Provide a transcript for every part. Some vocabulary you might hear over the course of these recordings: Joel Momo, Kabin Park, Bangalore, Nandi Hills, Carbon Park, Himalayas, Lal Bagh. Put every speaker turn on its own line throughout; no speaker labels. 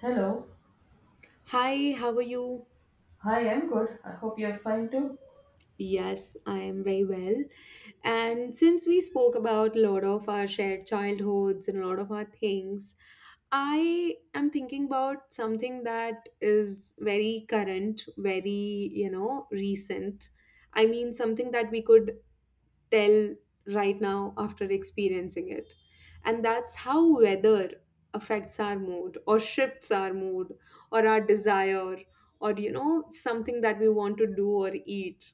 Hello.
Hi, how are you?
Hi, I'm good. I hope you're fine too.
Yes, I am very well. And since we spoke about a lot of our shared childhoods and a lot of our things, I am thinking about something that is very current, very, recent. I mean, something that we could tell right now after experiencing it. And that's how weather affects our mood or shifts our mood or our desire or something that we want to do or eat.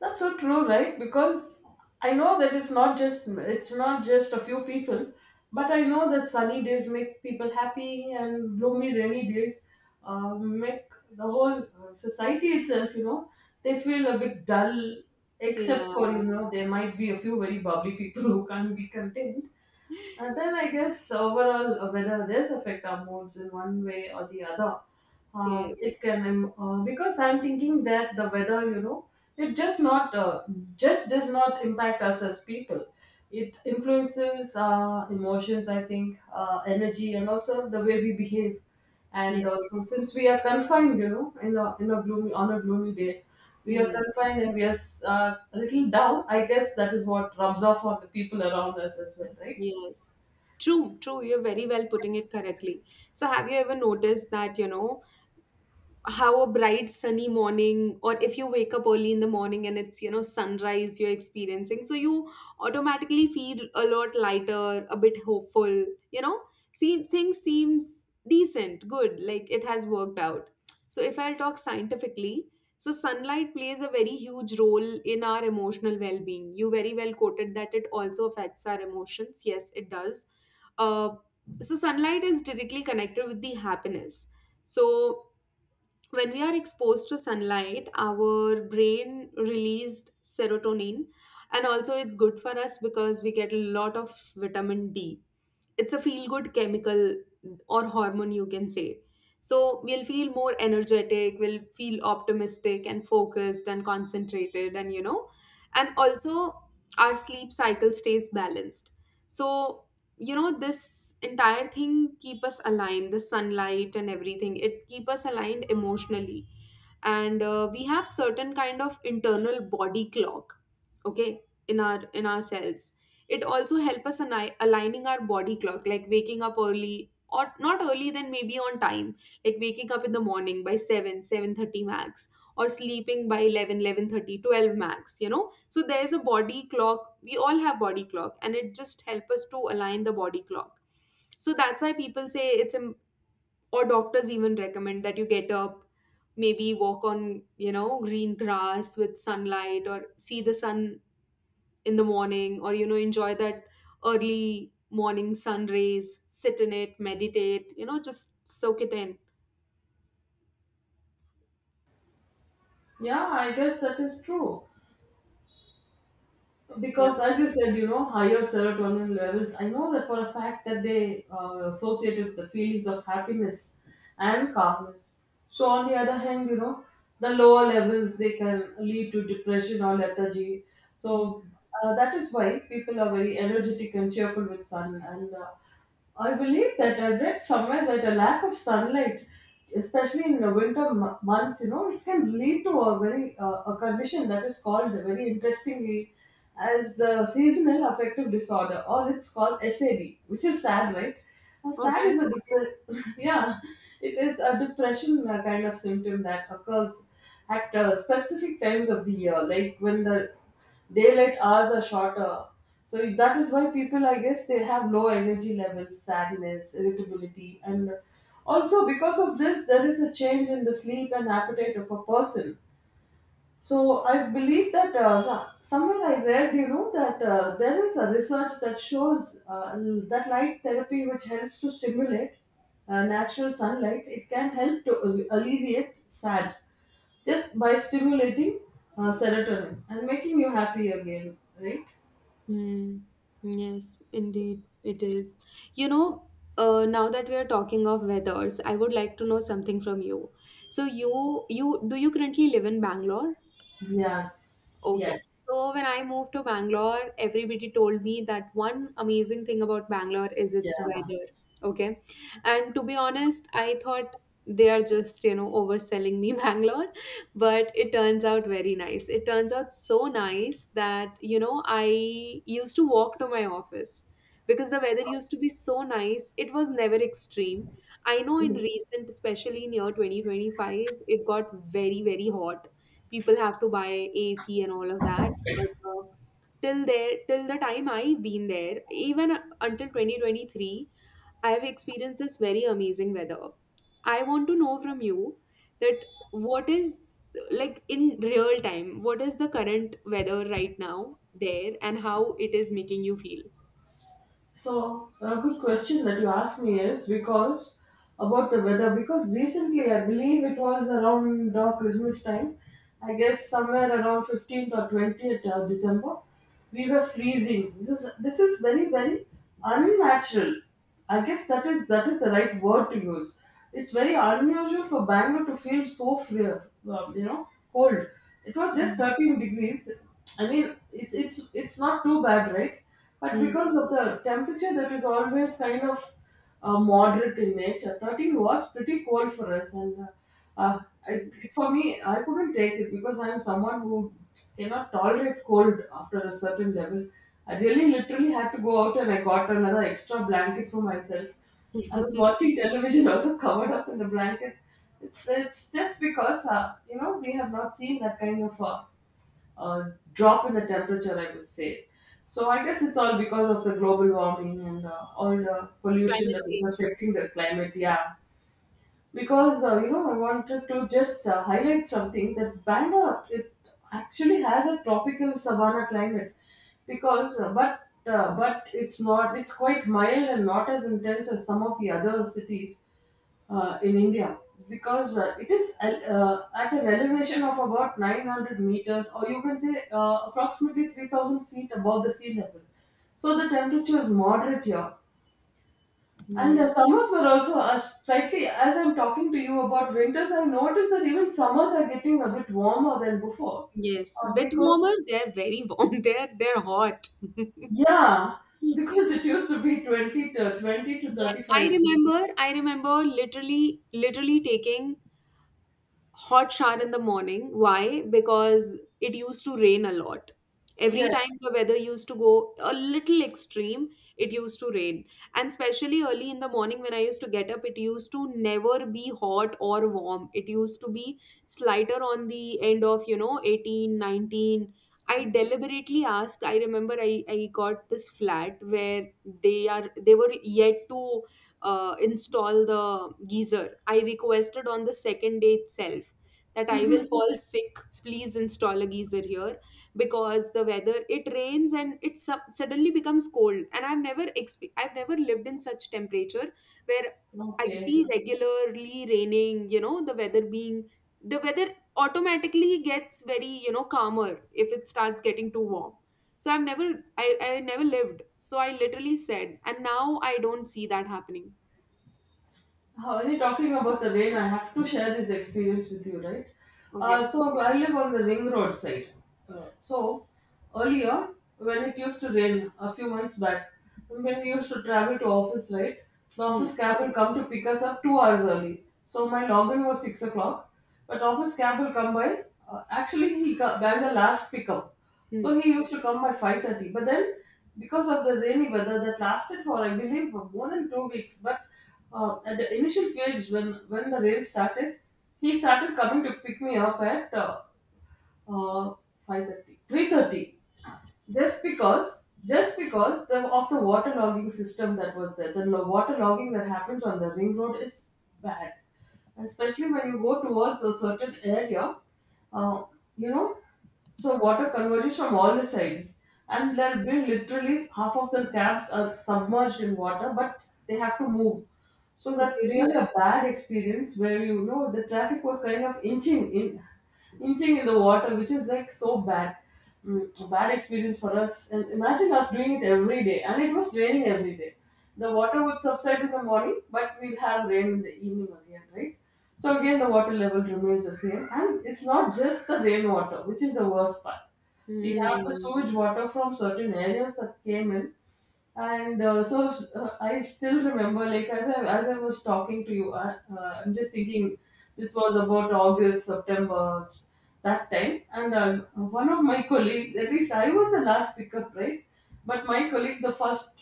That's so true, right? Because I know that it's not just a few people, but I know that sunny days make people happy and gloomy rainy days make the whole society itself, you know, they feel a bit dull except
Yeah,
for, you know, there might be a few very bubbly people who can't be content. And then I guess overall, whether this affect our moods in one way or the other,
yes,
it can because I'm thinking that the weather, you know, it just not just does not impact us as people. It influences our emotions, I think, energy, and also the way we behave. And
yes,
also, since we are confined, you know, in a gloomy on a gloomy day, we are
hmm,
confined and we are a little down. I guess that is what rubs off on the people around us as well, right?
yes. True, true. You're very well putting it correctly. So, have you ever noticed that, how a bright sunny morning, or if you wake up early in the morning and it's, you know, sunrise you're experiencing, so you automatically feel a lot lighter, a bit hopeful, you know, seem things seems decent, good, like it has worked out. So if I'll talk scientifically, so sunlight plays a very huge role in our emotional well-being. You very well quoted that it also affects our emotions. Yes, it does. uh, so sunlight is directly connected with the happiness. So when we are exposed to sunlight, our brain released serotonin, and also it's good for us because we get a lot of vitamin D. It's a feel good chemical or hormone, you can say. So we'll feel more energetic, we'll feel optimistic and focused and concentrated, and and also our sleep cycle stays balanced. So this entire thing keep us aligned, the sunlight and everything, it keep us aligned emotionally. And we have certain kind of internal body clock, okay, in ourselves. It also help us aligning our body clock, like waking up early, or not early then maybe on time, like waking up in the morning by 7 7:30 max, or sleeping by 11 11:30 12 max, you know, so there's a body clock, we all have body clock, and it just help us to align the body clock. So that's why people say it's a, or doctors even recommend that you get up, maybe walk on, you know, green grass with sunlight, or see the sun in the morning, or you know, enjoy that early morning sun rays, sit in it, meditate, you know, just soak it in.
Yeah, I guess that is true. Because
Yep.
as you said, you know, higher serotonin levels, I know that for a fact that they associated the feelings of happiness and calmness. So on the other hand, you know, the lower levels, they can lead to depression or lethargy.
Mm.
So that is why people are very energetic and cheerful with sun. And I believe that I read somewhere that a lack of sunlight, especially in the months, you know, it can lead to a very a condition that is called very interestingly as the seasonal affective disorder, or it's called SAD, which is sad, right? Sad
Okay.
is a depression. Yeah, it is a depression kind of symptom that occurs at specific times of the year, like when the daylight hours are shorter. So that is why people, I guess, they have low energy levels, sadness, irritability, and also because of this, there is a change in the sleep and appetite of a person. So I believe that somewhere I read, you know, that there is a research that shows that light therapy, which helps to stimulate natural sunlight, it can help to alleviate sad just by stimulating serotonin and making you happy again, right?
Mm. Yes, indeed it is. You know, now that we are talking of weathers, I would like to know something from you. So you do you currently live in Bangalore?
Yes,
Okay.
yes,
So when I moved to Bangalore, everybody told me that one amazing thing about Bangalore is its
yeah.
weather. Okay. And to be honest, I thought they are just, you know, overselling me Bangalore, but it turns out very nice. It turns out so nice that, you know, I used to walk to my office because the weather used to be so nice. It was never extreme. I know in recent, especially in year 2025, it got very, very hot, people have to buy AC and all of that. But till the time I've been there, even until 2023, I've experienced this very amazing weather. I want to know from you that what is, like in real time, what is the current weather right now there and how it is making you feel?
So a good question that you asked me is because about the weather, because recently I believe it was around Christmas time. I guess somewhere around 15th or 20th December, we were freezing. This is very very unnatural, I guess that is the right word to use. It's very unusual for Bangalore to feel so free, you know, cold. It was just
Hmm.
13 degrees. I mean, it's not too bad, right? But
Hmm.
because of the temperature that is always kind of moderate in nature. 13 was pretty cold for us, and uh, uh, I, for me, I couldn't take it because I'm someone who cannot tolerate cold after a certain level. I really literally had to go out and I got another extra blanket for myself. I was watching television also covered up in the blanket. It's just because, you know, we have not seen that kind of drop in the temperature, I would say. So I guess it's all because of the global warming and all the pollution
Climate
that is
change.
affecting the climate. Yeah, because you know, I wanted to just highlight something that Bangalore it actually has a tropical savanna climate because but it's not, it's quite mild and not as intense as some of the other cities in India because it is at an elevation of about 900 meters, or you can say approximately 3,000 feet above the sea level. So the temperature is moderate here, and
Hmm.
summers were also slightly, as I'm talking to you about winters, I noticed that even summers are getting a bit warmer than before.
Yes,
Uh,
bit warmer.
because,
They're very warm. They're hot.
yeah, because it used to be 20 to
Yeah, I
35 degrees.
remember, I remember literally, literally taking hot shower in the morning. Why? Because it used to rain a lot. Every time
Yes.
the weather used to go a little extreme, it used to rain. And especially early in the morning when I used to get up, it used to never be hot or warm. It used to be slighter on the end of, you know, 18, 19. I deliberately asked, I remember I got this flat where they were yet to install the geyser. I requested on the second day itself that I will fall sick. Please install a geyser here because the weather it rains and it suddenly becomes cold. And I've never I've never lived in such temperature where I
Okay.
see regularly raining. You know the weather being, the weather automatically gets very, you know, calmer if it starts getting too warm. So I've never, I never lived, so I literally said, and now I don't see that happening.
Already talking about the rain, I have to share this experience with you, right?
Okay.
So I live on the ring road side. So earlier, when it used to rain a few months back, when we used to travel to office, right, the office
Hmm.
cab will come to pick us up 2 hours early. So my login was 6 o'clock, but office cab will come by. Actually, he got the last pickup.
Hmm.
So he used to come by 5:30. But then, because of the rainy weather that lasted for, I believe, for more than 2 weeks. But at the initial phase, when the rain started, he started coming to pick me up at uh, 5:30, of the water logging system that was there, the water logging that happens on the ring road is bad, and especially when you go towards a certain area, uh, you know, so water converges from all the sides, and there'll be literally half of the cabs are submerged in water, but they have to move. So that's
Okay.
really a bad experience where you know the traffic was kind of inching in the water, which is like so bad, mm, a bad experience for us. And imagine us doing it every day, and it was raining every day. The water would subside in the morning, but we'll have rain in the evening again, right? So again, the water level remains the same, and it's not just the rainwater, which is the worst part. We have the
Hmm.
sewage water from certain areas that came in, and I still remember, like as I was talking to you, I'm just thinking this was about August, September, that time, and one of my colleagues, at least I was the last pickup, right? But my colleague, the first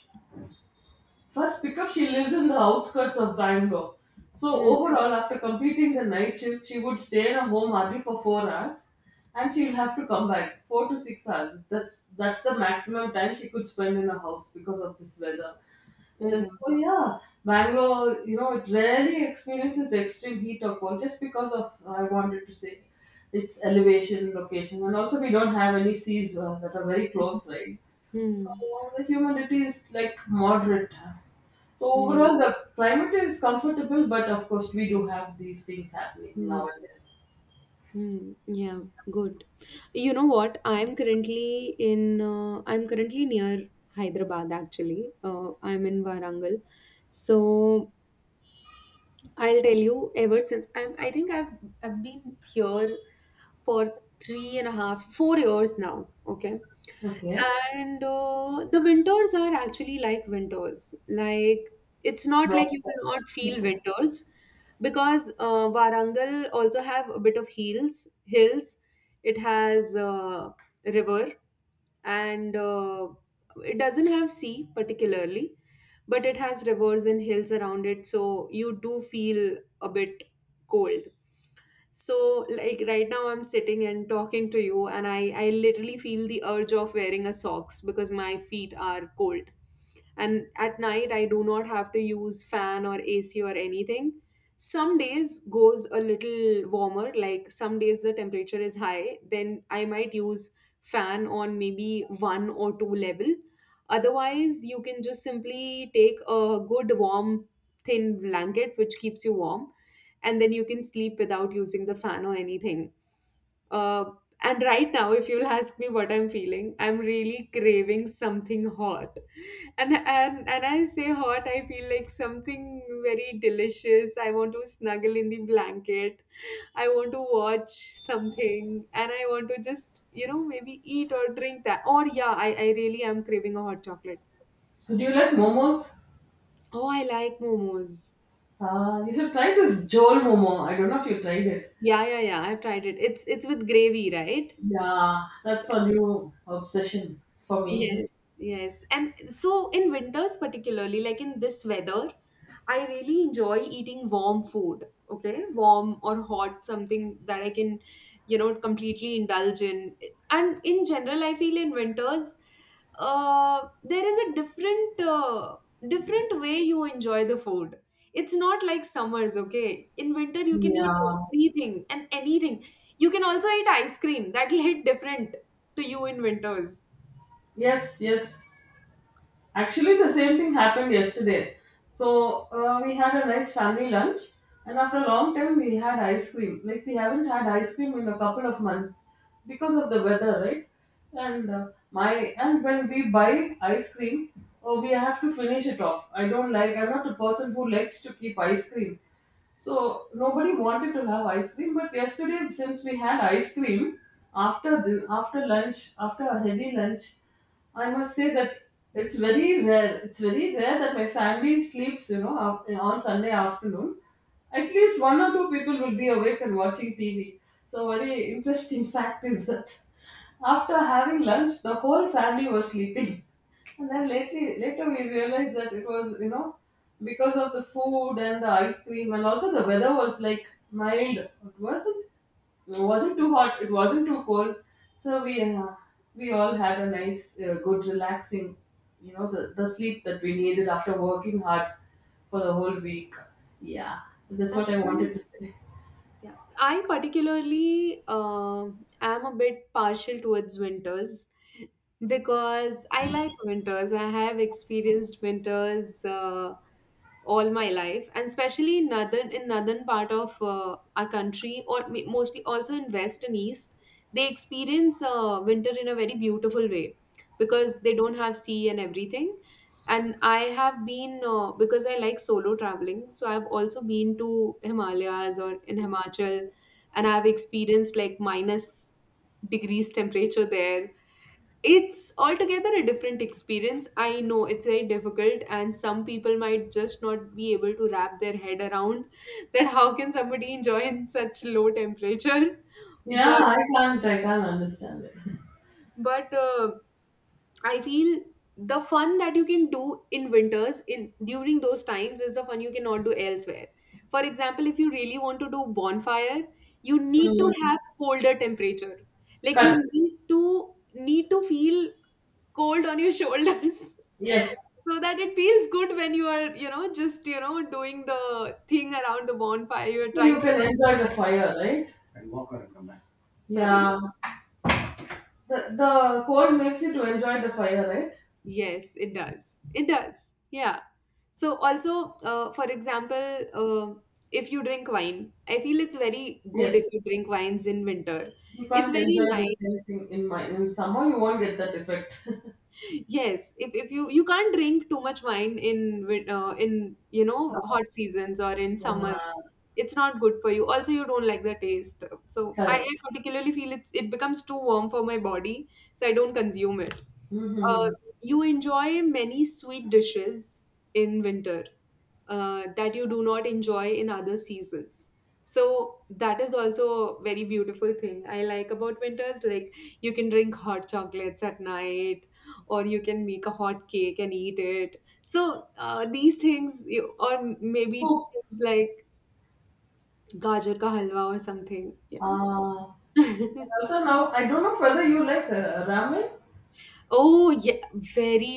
first pickup, she lives in the outskirts of Bangalore. So,
Hmm.
overall, after completing the night shift, she would stay in a home hardly for 4 hours, and she'll have to come back 4 to 6 hours. That's the maximum time she could spend in a house because of this weather.
Oh God.
So, yeah, Bangalore, you know, it rarely experiences extreme heat or cold just because of, I wanted to say, its elevation, location, and also we don't have any seas that are very close, right? So
Hmm.
the humidity is like moderate. So
Yeah.
overall, the climate is comfortable, but of course, we do have these things happening
Hmm.
now and then.
Hmm. Yeah. Good. You know what? I'm currently in. I'm currently near Hyderabad. Actually, I'm in Warangal. So I'll tell you. Ever since I'm, I think I've been here for three and a half, 4 years now. Okay.
Okay.
And the winters are actually like winters. Like, it's not
Right.
like you will not feel
Okay.
winters because Warangal also have a bit of hills. Hills. It has river and it doesn't have sea particularly, but it has rivers and hills around it. So you do feel a bit cold. So, like right now, I'm sitting and talking to you, and I literally feel the urge of wearing a socks because my feet are cold. And at night, I do not have to use fan or AC or anything. Some days goes a little warmer, like some days the temperature is high, then I might use fan on maybe one or two level. Otherwise, you can just simply take a good warm thin blanket which keeps you warm, and then you can sleep without using the fan or anything. Uh, and right now, if you'll ask me what I'm feeling, I'm really craving something hot. And I say hot, I feel like something very delicious. I want to snuggle in the blanket. I want to watch something. And I want to just, you know, maybe eat or drink that. Or, yeah, I really am craving a hot chocolate.
So do you like momos?
Oh, I like momos.
You should try this Joel Momo. I don't know if you tried it.
Yeah, yeah, yeah. I've tried it. It's with gravy, right?
Yeah, that's a new obsession for me.
Yes, yes. And so in winters, particularly, like in this weather, I really enjoy eating warm food. Okay, warm or hot, something that I can, you know, completely indulge in. And in general, I feel in winters, there is a different, different way you enjoy the food. It's not like summers, okay? In winter, you can eat
Yeah.
everything and anything. You can also eat ice cream. That'll hit different to you in winters.
Yes, yes. Actually, the same thing happened yesterday. So we had a nice family lunch, and after a long time, we had ice cream. Like we haven't had ice cream in a couple of months because of the weather, right? And my and when we buy ice cream, oh, we have to finish it off. I don't like. I'm not a person who likes to keep ice cream. So nobody wanted to have ice cream, but yesterday since we had ice cream after lunch, after a heavy lunch, I must say that it's very rare. It's very rare that my family sleeps, you know, on Sunday afternoon. At least one or two people will be awake and watching TV. So very interesting fact is that after having lunch, the whole family was sleeping. And then lately, later we realized that it was, you know, because of the food and the ice cream, and also the weather was like mild. It wasn't too hot. It wasn't too cold. So we all had a nice, good, relaxing, you know, the sleep that we needed after working hard for the whole week. Yeah, that's what
That's
I
really,
wanted to say.
yeah. I particularly am a bit partial towards winters because I like winters. I have experienced winters. All my life, and especially in northern part of our country, or mostly also in west and east, they experience winter in a very beautiful way because they don't have sea and everything. And I have been because I like solo traveling, so I've also been to Himalayas or in Himachal, and I've experienced like minus degrees temperature there. It's altogether a different experience. I know it's very difficult, and some people might just not be able to wrap their head around that how can somebody enjoy in such low temperature?
Yeah,
But
I can't understand it.
but I feel the fun that you can do in winters in during those times is the fun you cannot do elsewhere. For example, if you really want to do bonfire, you need to
Mm,
have colder temperature. Like you
correct.
need to need to feel cold on your shoulders
Yes.
so that it feels good when you are, you know, just, you know, doing the thing around the bonfire you're
So
trying
you can
to,
enjoy the fire, right?
sorry.
Yeah, the cold makes you to enjoy the fire, right?
Yes it does, it does, yeah. So also, for example, uh, if you drink wine, I feel it's very good if
Yes.
you drink wines in winter.
You
It's
can't enjoy
very
the
nice.
same thing in my in summer. You won't get that effect.
Yes, if you, you can't drink too much wine in in, you know,
So,
hot seasons or in summer,
yeah,
it's not good for you. Also, you don't like the taste. So I
correct.
particularly feel it's, it becomes too warm for my body, so I don't consume it. uh,
Mm-hmm.
you enjoy many sweet dishes in winter that you do not enjoy in other seasons. So that is also a very beautiful thing I like about winters. Like you can drink hot chocolates at night, or you can make a hot cake and eat it. So these things, you- or maybe
Soup.
things like gajar ka halwa or something, you know.
Uh, Also now I don't know whether you like ramen.
Oh yeah, very.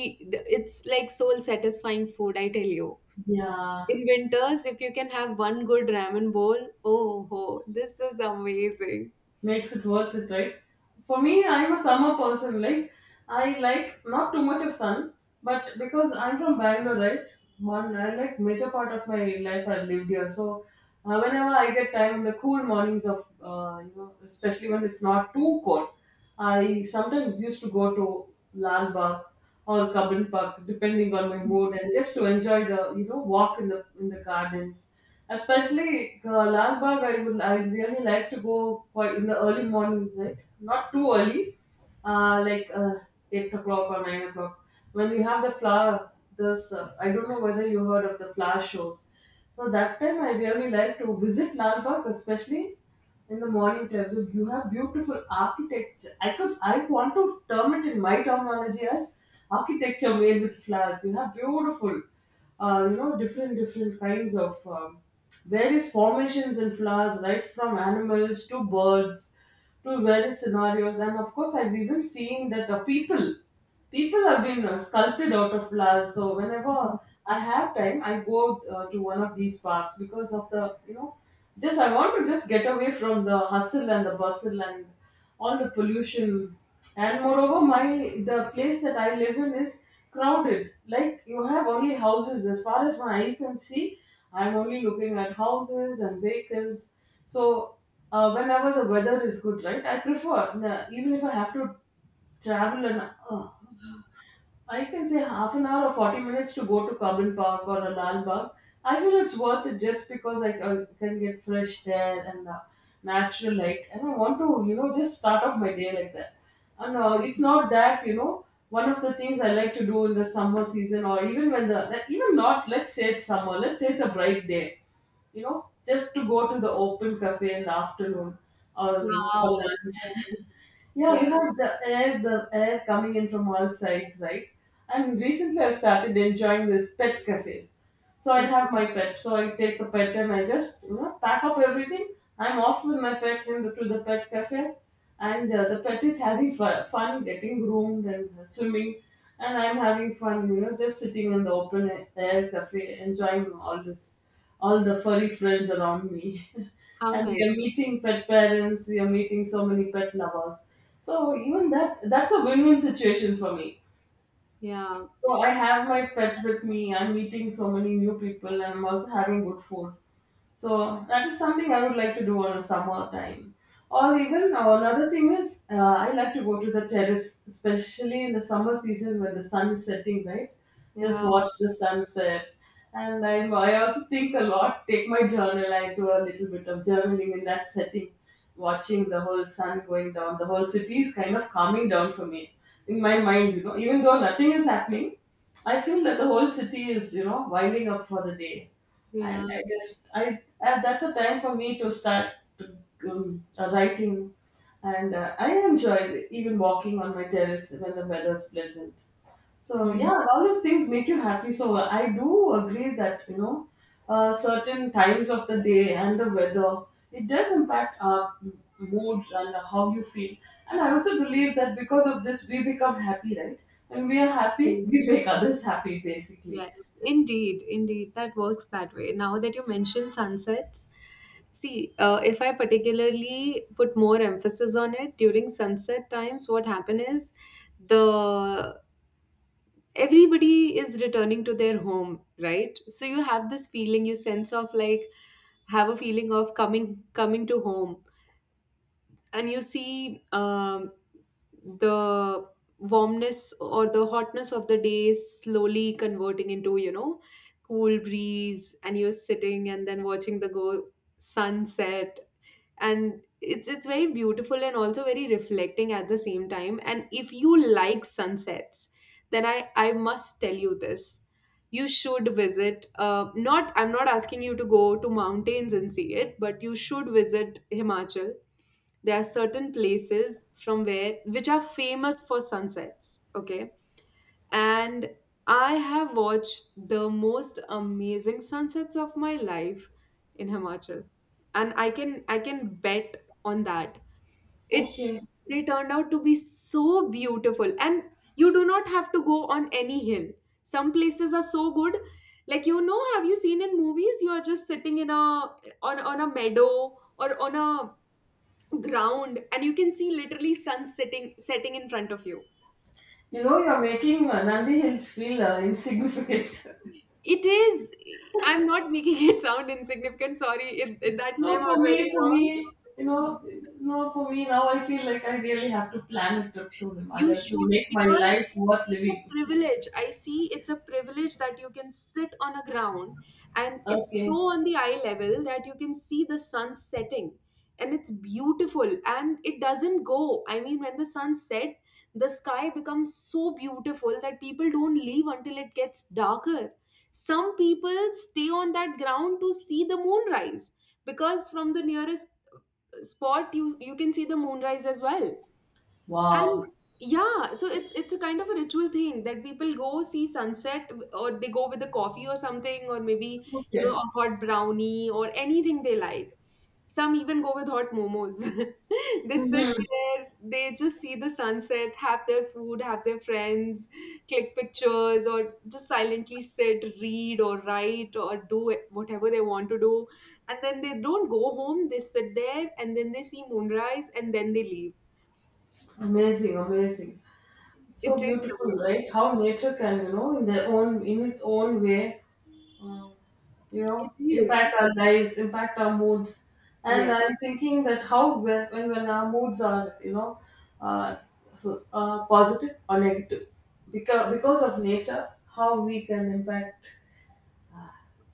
It's like soul satisfying food, I tell you.
Yeah.
In winters, if you can have one good ramen bowl, oh ho, this is amazing.
Makes it worth it, right? For me, I'm a summer person. Like I like not too much of sun, but because I'm from Bangalore, right? One, I like major part of my life I lived here. Whenever I get time in the cool mornings of, especially when it's not too cold, I sometimes used to go to Lal Bagh or Kabin Park, depending on my mood, and just to enjoy the walk in the gardens. Especially Lal Bagh, I really like to go quite in the early mornings, right? Not too early, uh, like uh, 8 o'clock or 9 o'clock. When we have the flower, this I don't know whether you heard of the flower shows. So that time I really like to visit Lal Bagh, especially in the morning tells you you have beautiful architecture. I want to term it in my terminology as architecture made with flowers. You have beautiful, different kinds of various formations and flowers, right from animals to birds to various scenarios. And of course, I've even seen that the people have been sculpted out of flowers. So whenever I have time I go to one of these parks because of the just I want to just get away from the hustle and the bustle and all the pollution. And moreover my the place that I live in is crowded. Like you have only houses as far as my eye can see. I'm only looking at houses and vehicles. So whenever the weather is good, right, I prefer, even if I have to travel, and oh, I can say half an hour or 40 minutes, to go to Carbon Park or a Lal Bagh. I feel it's worth it just because I can get fresh air and natural light. And I want to, you know, just start off my day like that. And if not that, you know, one of the things I like to do in the summer season, or even when the, even not, let's say it's summer, let's say it's a bright day, you know, just to go to the open cafe in the afternoon or for
Wow.
lunch. Yeah,
Yeah.
you have the air coming in from all sides, right? And recently I've started enjoying this pet cafes. So I
Mhm.
have my pet. So I take the pet and I just, you know, pack up everything. I'm off with my pet into to the pet cafe. And the pet is having fun getting groomed and swimming. And I'm having fun, you know, just sitting in the open air cafe, enjoying all the furry friends around me.
How
And we are
nice.
meeting pet parents, we are meeting so many pet lovers. So even that's a win-win situation for me.
Yeah.
So I have my pet with me, I'm meeting so many new people, and I'm also having good food. So that is something I would like to do on a summer time. Or even another thing is I like to go to the terrace, especially in the summer season when the sun is setting, right? Just
Yeah.
watch the sunset. And I also think a lot, take my journal, I do a little bit of journaling in that setting, watching the whole sun going down. The whole city is kind of calming down for me in my mind, you know, even though nothing is happening. I feel that the whole city is, you know, winding up for the day. And
Yeah.
I just I that's a time for me to start writing, and I enjoyed even walking on my terrace when the weather's pleasant. So
Mhm.
yeah, all those things make you happy. So I do agree that, you know, certain times of the day and the weather, it does impact our mood and how you feel. And I also believe that because of this we become happy, right? When we are happy, we make others happy, basically.
Yes. Indeed. Indeed. That works that way. Now that you mention sunsets, see, if I particularly put more emphasis on it during sunset times, what happen is the everybody is returning to their home, right? So you have this feeling, you sense of like have a feeling of coming to home, and you see the warmness or the hotness of the day slowly converting into cool breeze, and you're sitting and then watching the go sunset, and it's very beautiful and also very reflecting at the same time. And if you like sunsets, then I must tell you this, you should visit not, I'm not asking you to go to mountains and see it, but you should visit Himachal. There are certain places from where, which are famous for sunsets, okay. And I have watched the most amazing sunsets of my life in Himachal, and I can bet on that. It
Okay.
They turned out to be so beautiful, and you do not have to go on any hill. Some places are so good, like you know, have you seen in movies? You are just sitting in a on a meadow or on a ground, and you can see literally sun setting in front of you.
You know, you're making Nandi Hills feel insignificant.
It is. I'm not making it sound insignificant. Sorry, that came
No,
out very
for
wrong.
me, you know, no, for me, now I feel like I really have to plan a trip to
You
Himalayas to
should,
make my
because
life worth
it's a
living.
privilege. I see it's a privilege that you can sit on a ground, and it's so
Okay.
on the eye level that you can see the sun setting, and it's beautiful, and it doesn't go. I mean, when the sun set, the sky becomes so beautiful that people don't leave until it gets darker. Some people stay on that ground to see the moonrise, because from the nearest spot you can see the moonrise as well.
Wow.
And yeah, so it's a kind of a ritual thing that people go see sunset, or they go with a coffee or something, or maybe, you know,
Okay.
a hot brownie or anything they like. Some even go with hot momos. They sit
Mm-hmm.
there, they just see the sunset, have their food, have their friends, click pictures, or just silently sit, read or write, or whatever they want to do. And then they don't go home, they sit there and then they see moonrise and then they leave.
Amazing, amazing.
It
So
is
beautiful,
amazing.
right? How nature can, you know, in their own, in its own way, Mm. you
It
know,
is,
impact our lives, impact our moods. And
yes.
I'm thinking that how when our moods are, you know, uh, positive or negative, because of nature, how we can impact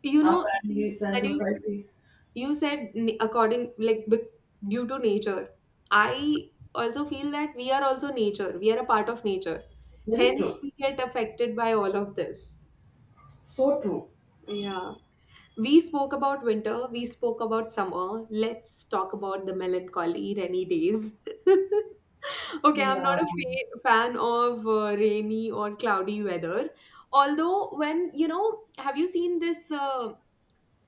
You
our
know, see
families and
that you
society.
you said n- according like bec- due to nature. I also feel that we are also nature. We are a part of nature.
Very
Hence,
true.
we get affected by all of this.
So true.
Yeah. We spoke about winter. We spoke about summer. Let's talk about the melancholy rainy days. Okay, I'm
Yeah.
not a fan of rainy or cloudy weather. Although, when you know, have you seen this?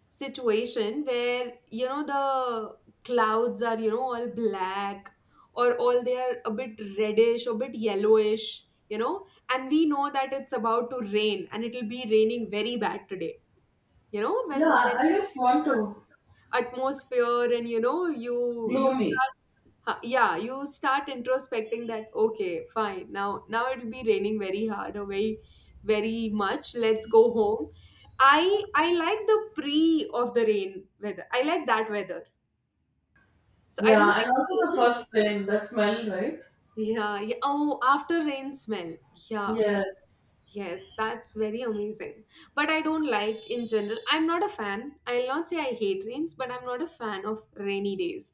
Situation where you know the clouds are, you know, all black, or all they are a bit reddish or bit yellowish, you know, and we know that it's about to rain and it'll be raining very bad today, you know, when
yeah I
when
just want to
atmosphere, and you know you
Gloomy.
start yeah, you start introspecting that okay fine, now it'll be raining very hard or very very much, let's go home. I like the pre of the rain weather. I like that weather. So I don't
Yeah,
like
and
the
also the
rain.
first thing, the smell, right?
Yeah, yeah. Oh, after rain smell. Yeah.
Yes.
Yes, that's very amazing. But I don't like in general. I'm not a fan. I'll not say I hate rains, but I'm not a fan of rainy days.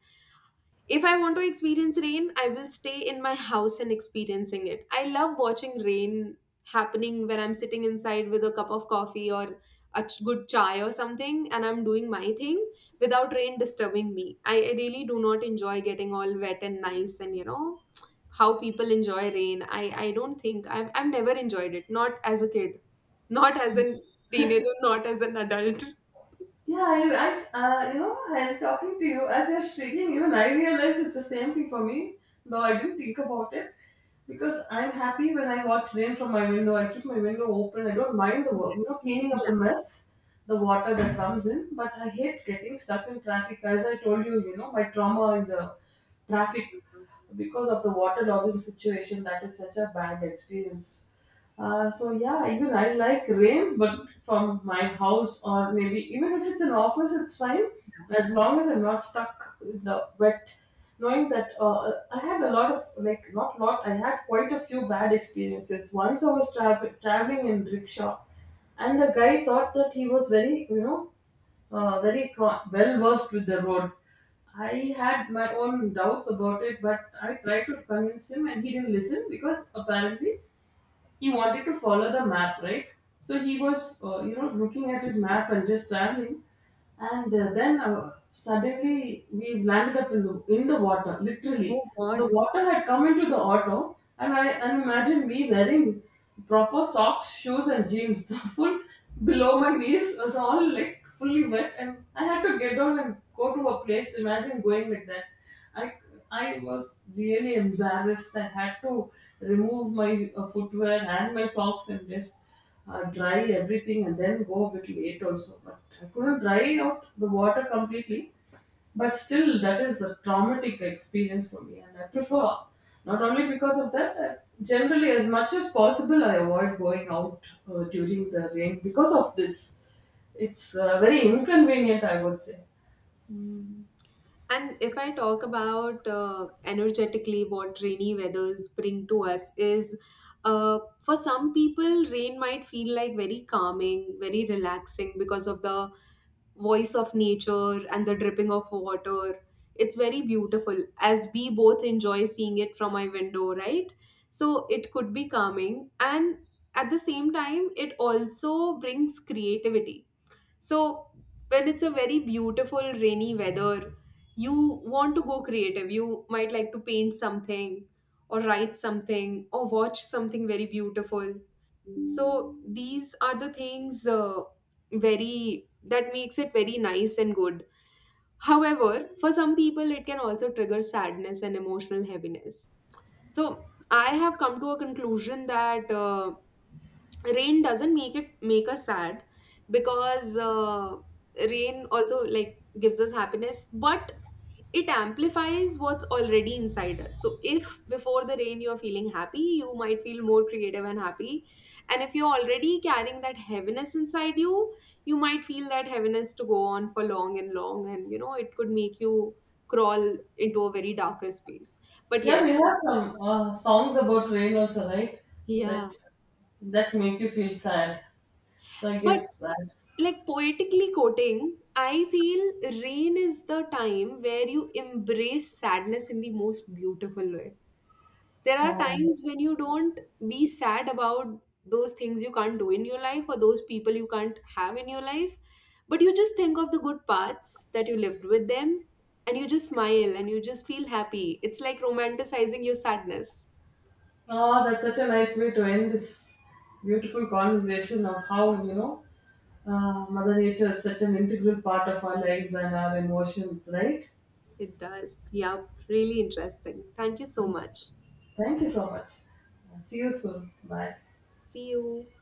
If I want to experience rain, I will stay in my house and experiencing it. I love watching rain happening when I'm sitting inside with a cup of coffee or a good chai or something, and I'm doing my thing without rain disturbing me. I really do not enjoy getting all wet and nice, and you know how people enjoy rain. I don't think I've never enjoyed it, not as a kid, not as a teenager, not as an adult.
Yeah, you know, I'm talking to you as you're speaking. Even I realize it's the same thing for me, though I didn't think about it, because I'm happy when I watch rain from my window. I keep my window open. I don't mind the work,
Yes.
you know, cleaning up
Yeah.
the mess, the water that comes in. But I hate getting stuck in traffic. As I told you, you know, my trauma in the traffic because of the water logging situation. That is such a bad experience. So yeah, even I like rains, but from my house or maybe even if it's an office, it's fine as long as I'm not stuck in the wet. Knowing that I had a lot of, like not lot, I had quite a few bad experiences. Once I was traveling in rickshaw, and the guy thought that he was very, you know, very co- well versed with the road. I had my own doubts about it, but I tried to convince him, and he didn't listen because apparently he wanted to follow the map, right? So he was, you know, looking at his map and just traveling, and then suddenly we landed up in the water.
Oh
Literally, the
God.
water had come into the auto, and I and imagine me wearing proper socks, shoes, and jeans. The full below my knees was all like fully wet, and I had to get down and go to a place. Imagine going like that. I I was really embarrassed. I had to remove my footwear and my socks and just dry everything and then go a bit late also. But I couldn't dry out the water completely. But still, that is a traumatic experience for me, and I prefer, not only because of that, I, generally, as much as possible, I avoid going out during the rain because of this. It's very inconvenient, I would say.
Mm. And if I talk about energetically what rainy weathers bring to us is, for some people, rain might feel like very calming, very relaxing, because of the voice of nature and the dripping of water. It's very beautiful, as we both enjoy seeing it from my window, right? So it could be calming. And at the same time, it also brings creativity. So when it's a very beautiful rainy weather, you want to go creative. You might like to paint something, or write something, or watch something very beautiful. So these are the things very that makes it very nice and good. However, for some people it can also trigger sadness and emotional heaviness. So I have come to a conclusion that rain doesn't make it make us sad, because rain also like gives us happiness, but it amplifies what's already inside us. So if before the rain you're feeling happy, you might feel more creative and happy. And if you're already carrying that heaviness inside you, you might feel that heaviness to go on for long and long, and you know it could make you crawl into a very darker space. But
Yeah, we
yes,
have some songs about rain also, right?
yeah.
That that make you feel sad. So I
But
guess that's,
like poetically quoting, I feel rain is the time where you embrace sadness in the most beautiful way. There are
oh,
times when you don't be sad about those things you can't do in your life, or those people you can't have in your life, but you just think of the good parts that you lived with them, and you just smile and you just feel happy. It's like romanticizing your sadness.
oh that's such a nice way to end this beautiful conversation of how, you know, Mother Nature is such an integral part of our lives and our emotions, right?
It does, yeah. Really interesting, thank you so much.
Thank you so much. See you soon. Bye.
See you.